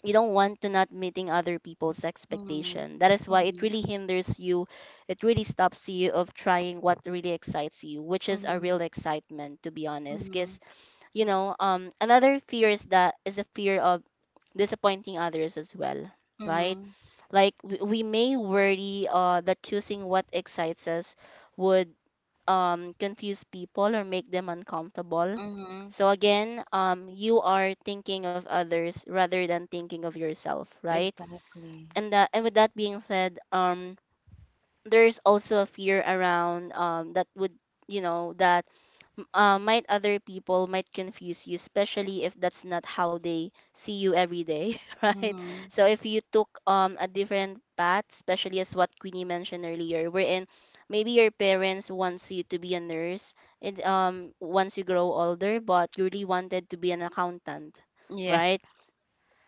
you don't want to not meeting other people's expectation, that is why it Mm-hmm. really hinders you, it really stops you of trying what really excites you, which is a Mm-hmm. real excitement to be honest. Cause another fear is that, is a fear of disappointing others as well, right? Mm-hmm. Like we may worry that choosing what excites us would confuse people or make them uncomfortable. Mm-hmm. So again, you are thinking of others rather than thinking of yourself, right? Exactly. And that, and with that being said, there's also a fear around that would, you know, that might other people might confuse you, especially if that's not how they see you every day, right? Mm-hmm. So if you took a different path, especially as what Queenie mentioned earlier, wherein maybe your parents wants you to be a nurse, and once you grow older, but you really wanted to be an accountant, Yeah. right?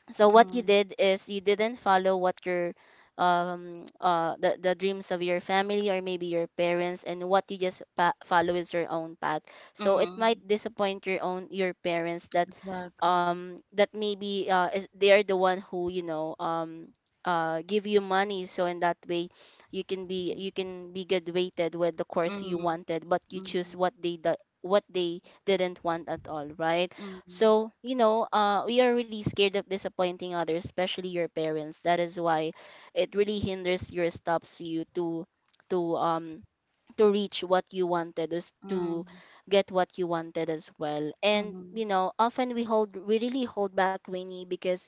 So what you Mm, did is you didn't follow what your the dreams of your family or maybe your parents, and what you just follow is your own path. So it might mm. disappoint your own, your parents, that Exactly. That maybe is, they are the one who you know, give you money, so in that way you can be, Okay. you can be graduated with the course you Mm, wanted, but you choose mm, what they do, what they didn't want at all, right? So, mm, you know, we are really scared of disappointing others, especially your parents. That is why it really hinders your stops you to to reach what you wanted, is to mm, get what you wanted as well. And mm, you know, often we hold, we really hold back, Winnie, because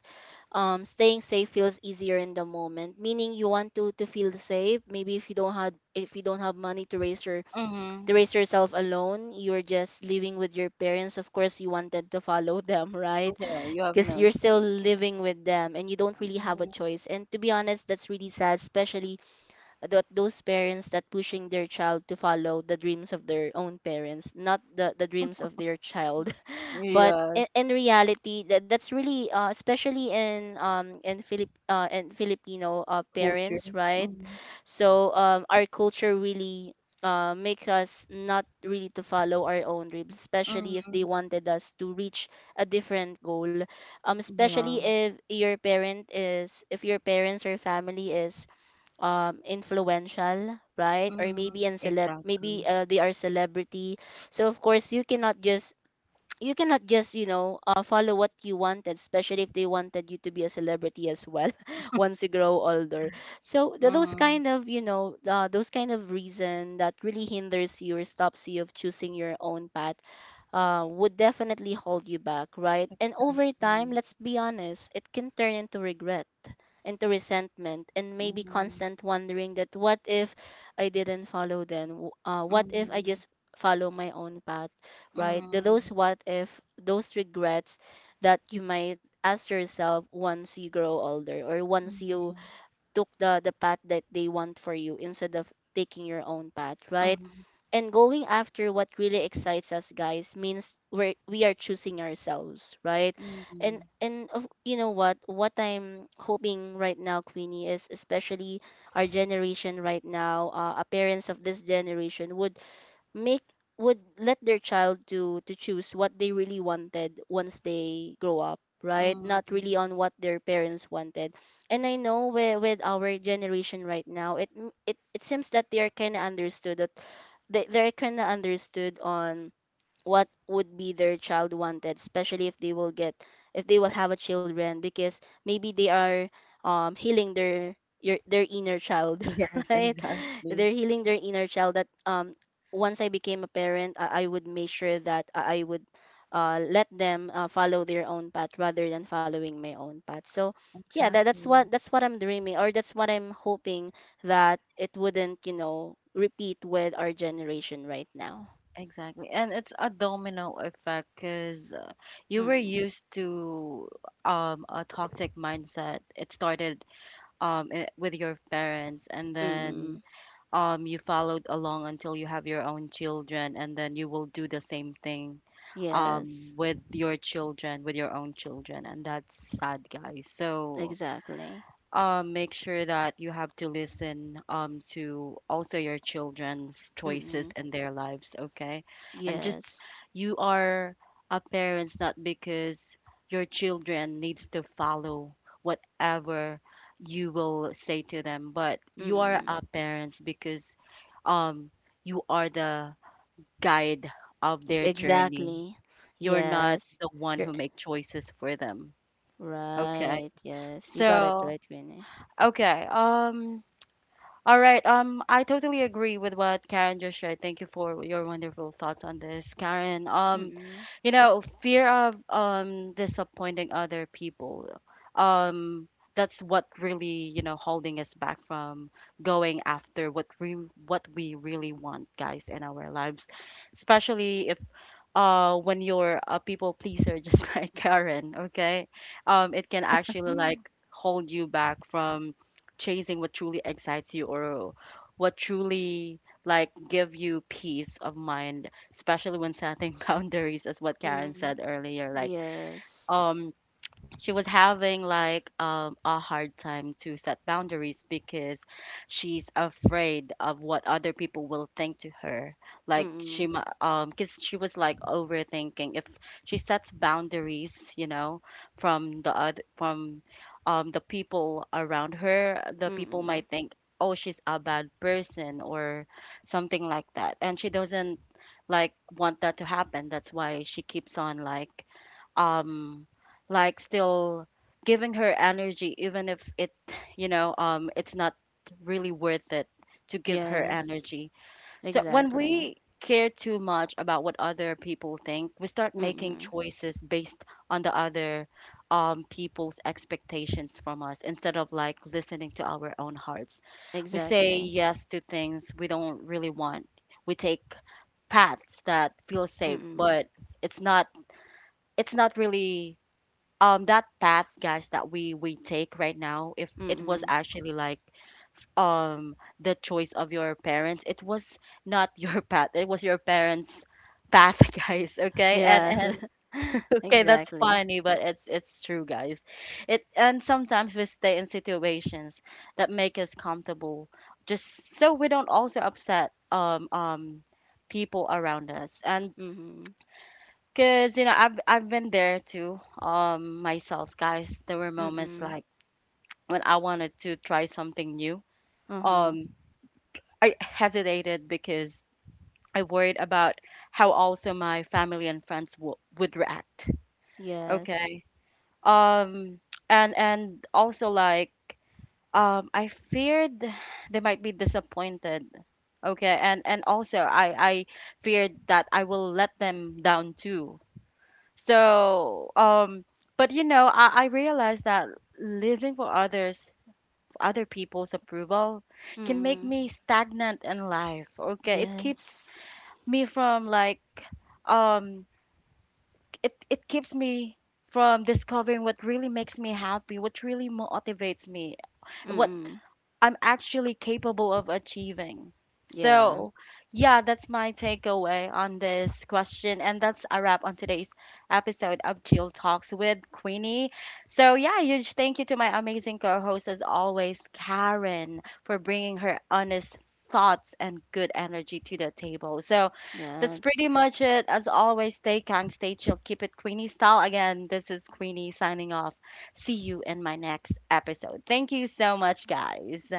staying safe feels easier in the moment. Meaning you want to feel safe. Maybe if you don't have, if you don't have money to raise your, mm. to raise yourself alone, you're just living with your parents. Of course, you wanted to follow them, right? Yeah, you have Because no you're still choice. living with them and you don't really have a Mhm. choice. And to be honest, that's really sad, especially that those parents that pushing their child to follow the dreams of their own parents, not the dreams of their child. But Yes, in reality, that's really, especially in Philip in Filipino culture. parents, right? Mm, So our culture really make us not really to follow our own dreams, especially if they mm, wanted us to reach a different goal. Especially yeah, if your parent is, if your parents or family is influential, right? Or maybe mm, in celeb, maybe exactly, they are celebrity. So of course you cannot just, you cannot just, you know, follow what you wanted, especially if they wanted you to be a celebrity as well once you grow older. So those mm, kind of, you know, those kind of reason that really hinders you or stops you of choosing your own path would definitely hold you back, right? And over time, exactly, let's be honest, it can turn into regret, into resentment, and maybe mhm, constant wondering that, what if I didn't follow then? What if I mm, just follow my own path, right? Those mm, what if, those regrets that you might ask yourself once you grow older, or once you mhm, took the path that they want for you instead of taking your own path, right? mhm, And going after what really excites us, guys, means we're, we are choosing ourselves, right? and mm, and of- you know what I'm hoping right now, Queenie, is, especially our generation right now, our parents of this generation would make, would let their child to choose what they really wanted once they grow up, right? Not really mm. on what their parents wanted. And I know with our generation right now, it it, it seems that they are kind of understood that they, they're kind of understood on what would be their child wanted, especially if they will get, if they will have a children, because maybe they are healing their, your, their inner child Yes, right? exactly. They're healing their inner child that once I became a parent, I would make sure that I would, let them follow their own path rather than following my own path. So yeah, that, that's what Exactly. that's what I'm dreaming, or that's what I'm hoping, that it wouldn't, you know, repeat with our generation right now. Exactly. And it's a domino effect because you were Hmm. used to a toxic mindset. It started with your parents, and then Mm-mm. You followed along until you have your own children, and then you will do the same thing Yes, with your children, with your own children. And that's sad, guys. So exactly. Make sure that you have to listen, to also your children's choices Mm-mm. in their lives, okay? And just, Yes. you are a parents not because your children needs to follow whatever you will say to them, but you are Mm-mm. a parents because um, you are the guide of their journey. Exactly. You're not Yes. the one You're who make choices for them, okay? right. Yes. You got it So, right, Vinny. okay, All right. I totally agree with what Karen just shared. Thank you for your wonderful thoughts on this, Karen. Mm-mm. You know, fear of disappointing other people. Um, that's what really, you know, holding us back from going after what we, what we really want, guys, in our lives. Especially if when you're a people pleaser just like Karen, okay? It can actually Mm. like hold you back from chasing what truly excites you, or what truly like give you peace of mind, especially when setting boundaries, as what Karen Mm-mm. said earlier, like Yes. um she was having like a hard time to set boundaries because she's afraid of what other people will think to her, like Mm-mm. Because she was like overthinking if she sets boundaries, you know, from the other, from the people around her, the people Mm-mm. might think, oh, she's a bad person or something like that, and she doesn't like want that to happen. That's why she keeps on um like still giving her energy, even if it you know, it's not really worth it to give her Yes. energy. So when Exactly. we care too much about what other people think, we start making Mm-mm. choices based on the other, people's expectations from us instead of like listening to our own hearts. We say Exactly. yes to things we don't really want, we take paths that feel safe, Mm-mm. but it's not, it's not really that path, guys, that we take right now, if it was Mm-mm. actually like the choice of your parents. It was not your path, it was your parents path, guys, okay? and Yes. and okay, that's Exactly. funny, but it's true, guys. It, and sometimes we stay in situations that make us comfortable just so we don't also upset people around us. And Mm-mm. cause you know, I've been there too, myself, guys. There were moments Mm-mm. like when I wanted to try something new. Uh-huh. Um, I hesitated because I worried about how also my family and friends w would react. Yes. Okay. Um, and also like I feared they might be disappointed. Okay. And also I feared that I will let them down too. So, but you know, I realized that living for others, other people's approval, can make Mm-mm. me stagnant in life. Okay, it keeps Yes. me from like, um, it keeps me from discovering what really makes me happy, what really motivates me, what Mm. I'm actually capable of achieving. Yeah. So, yeah, that's my takeaway on this question. And that's a wrap on today's episode of Jill Talks with Queenie. So, yeah, huge thank you to my amazing co host, as always, Karen, for bringing her honest thoughts and good energy to the table. So, that's pretty Yes. much it. As always, stay kind, stay chill, keep it Queenie style. Again, this is Queenie signing off. See you in my next episode. Thank you so much, guys.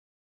Bye.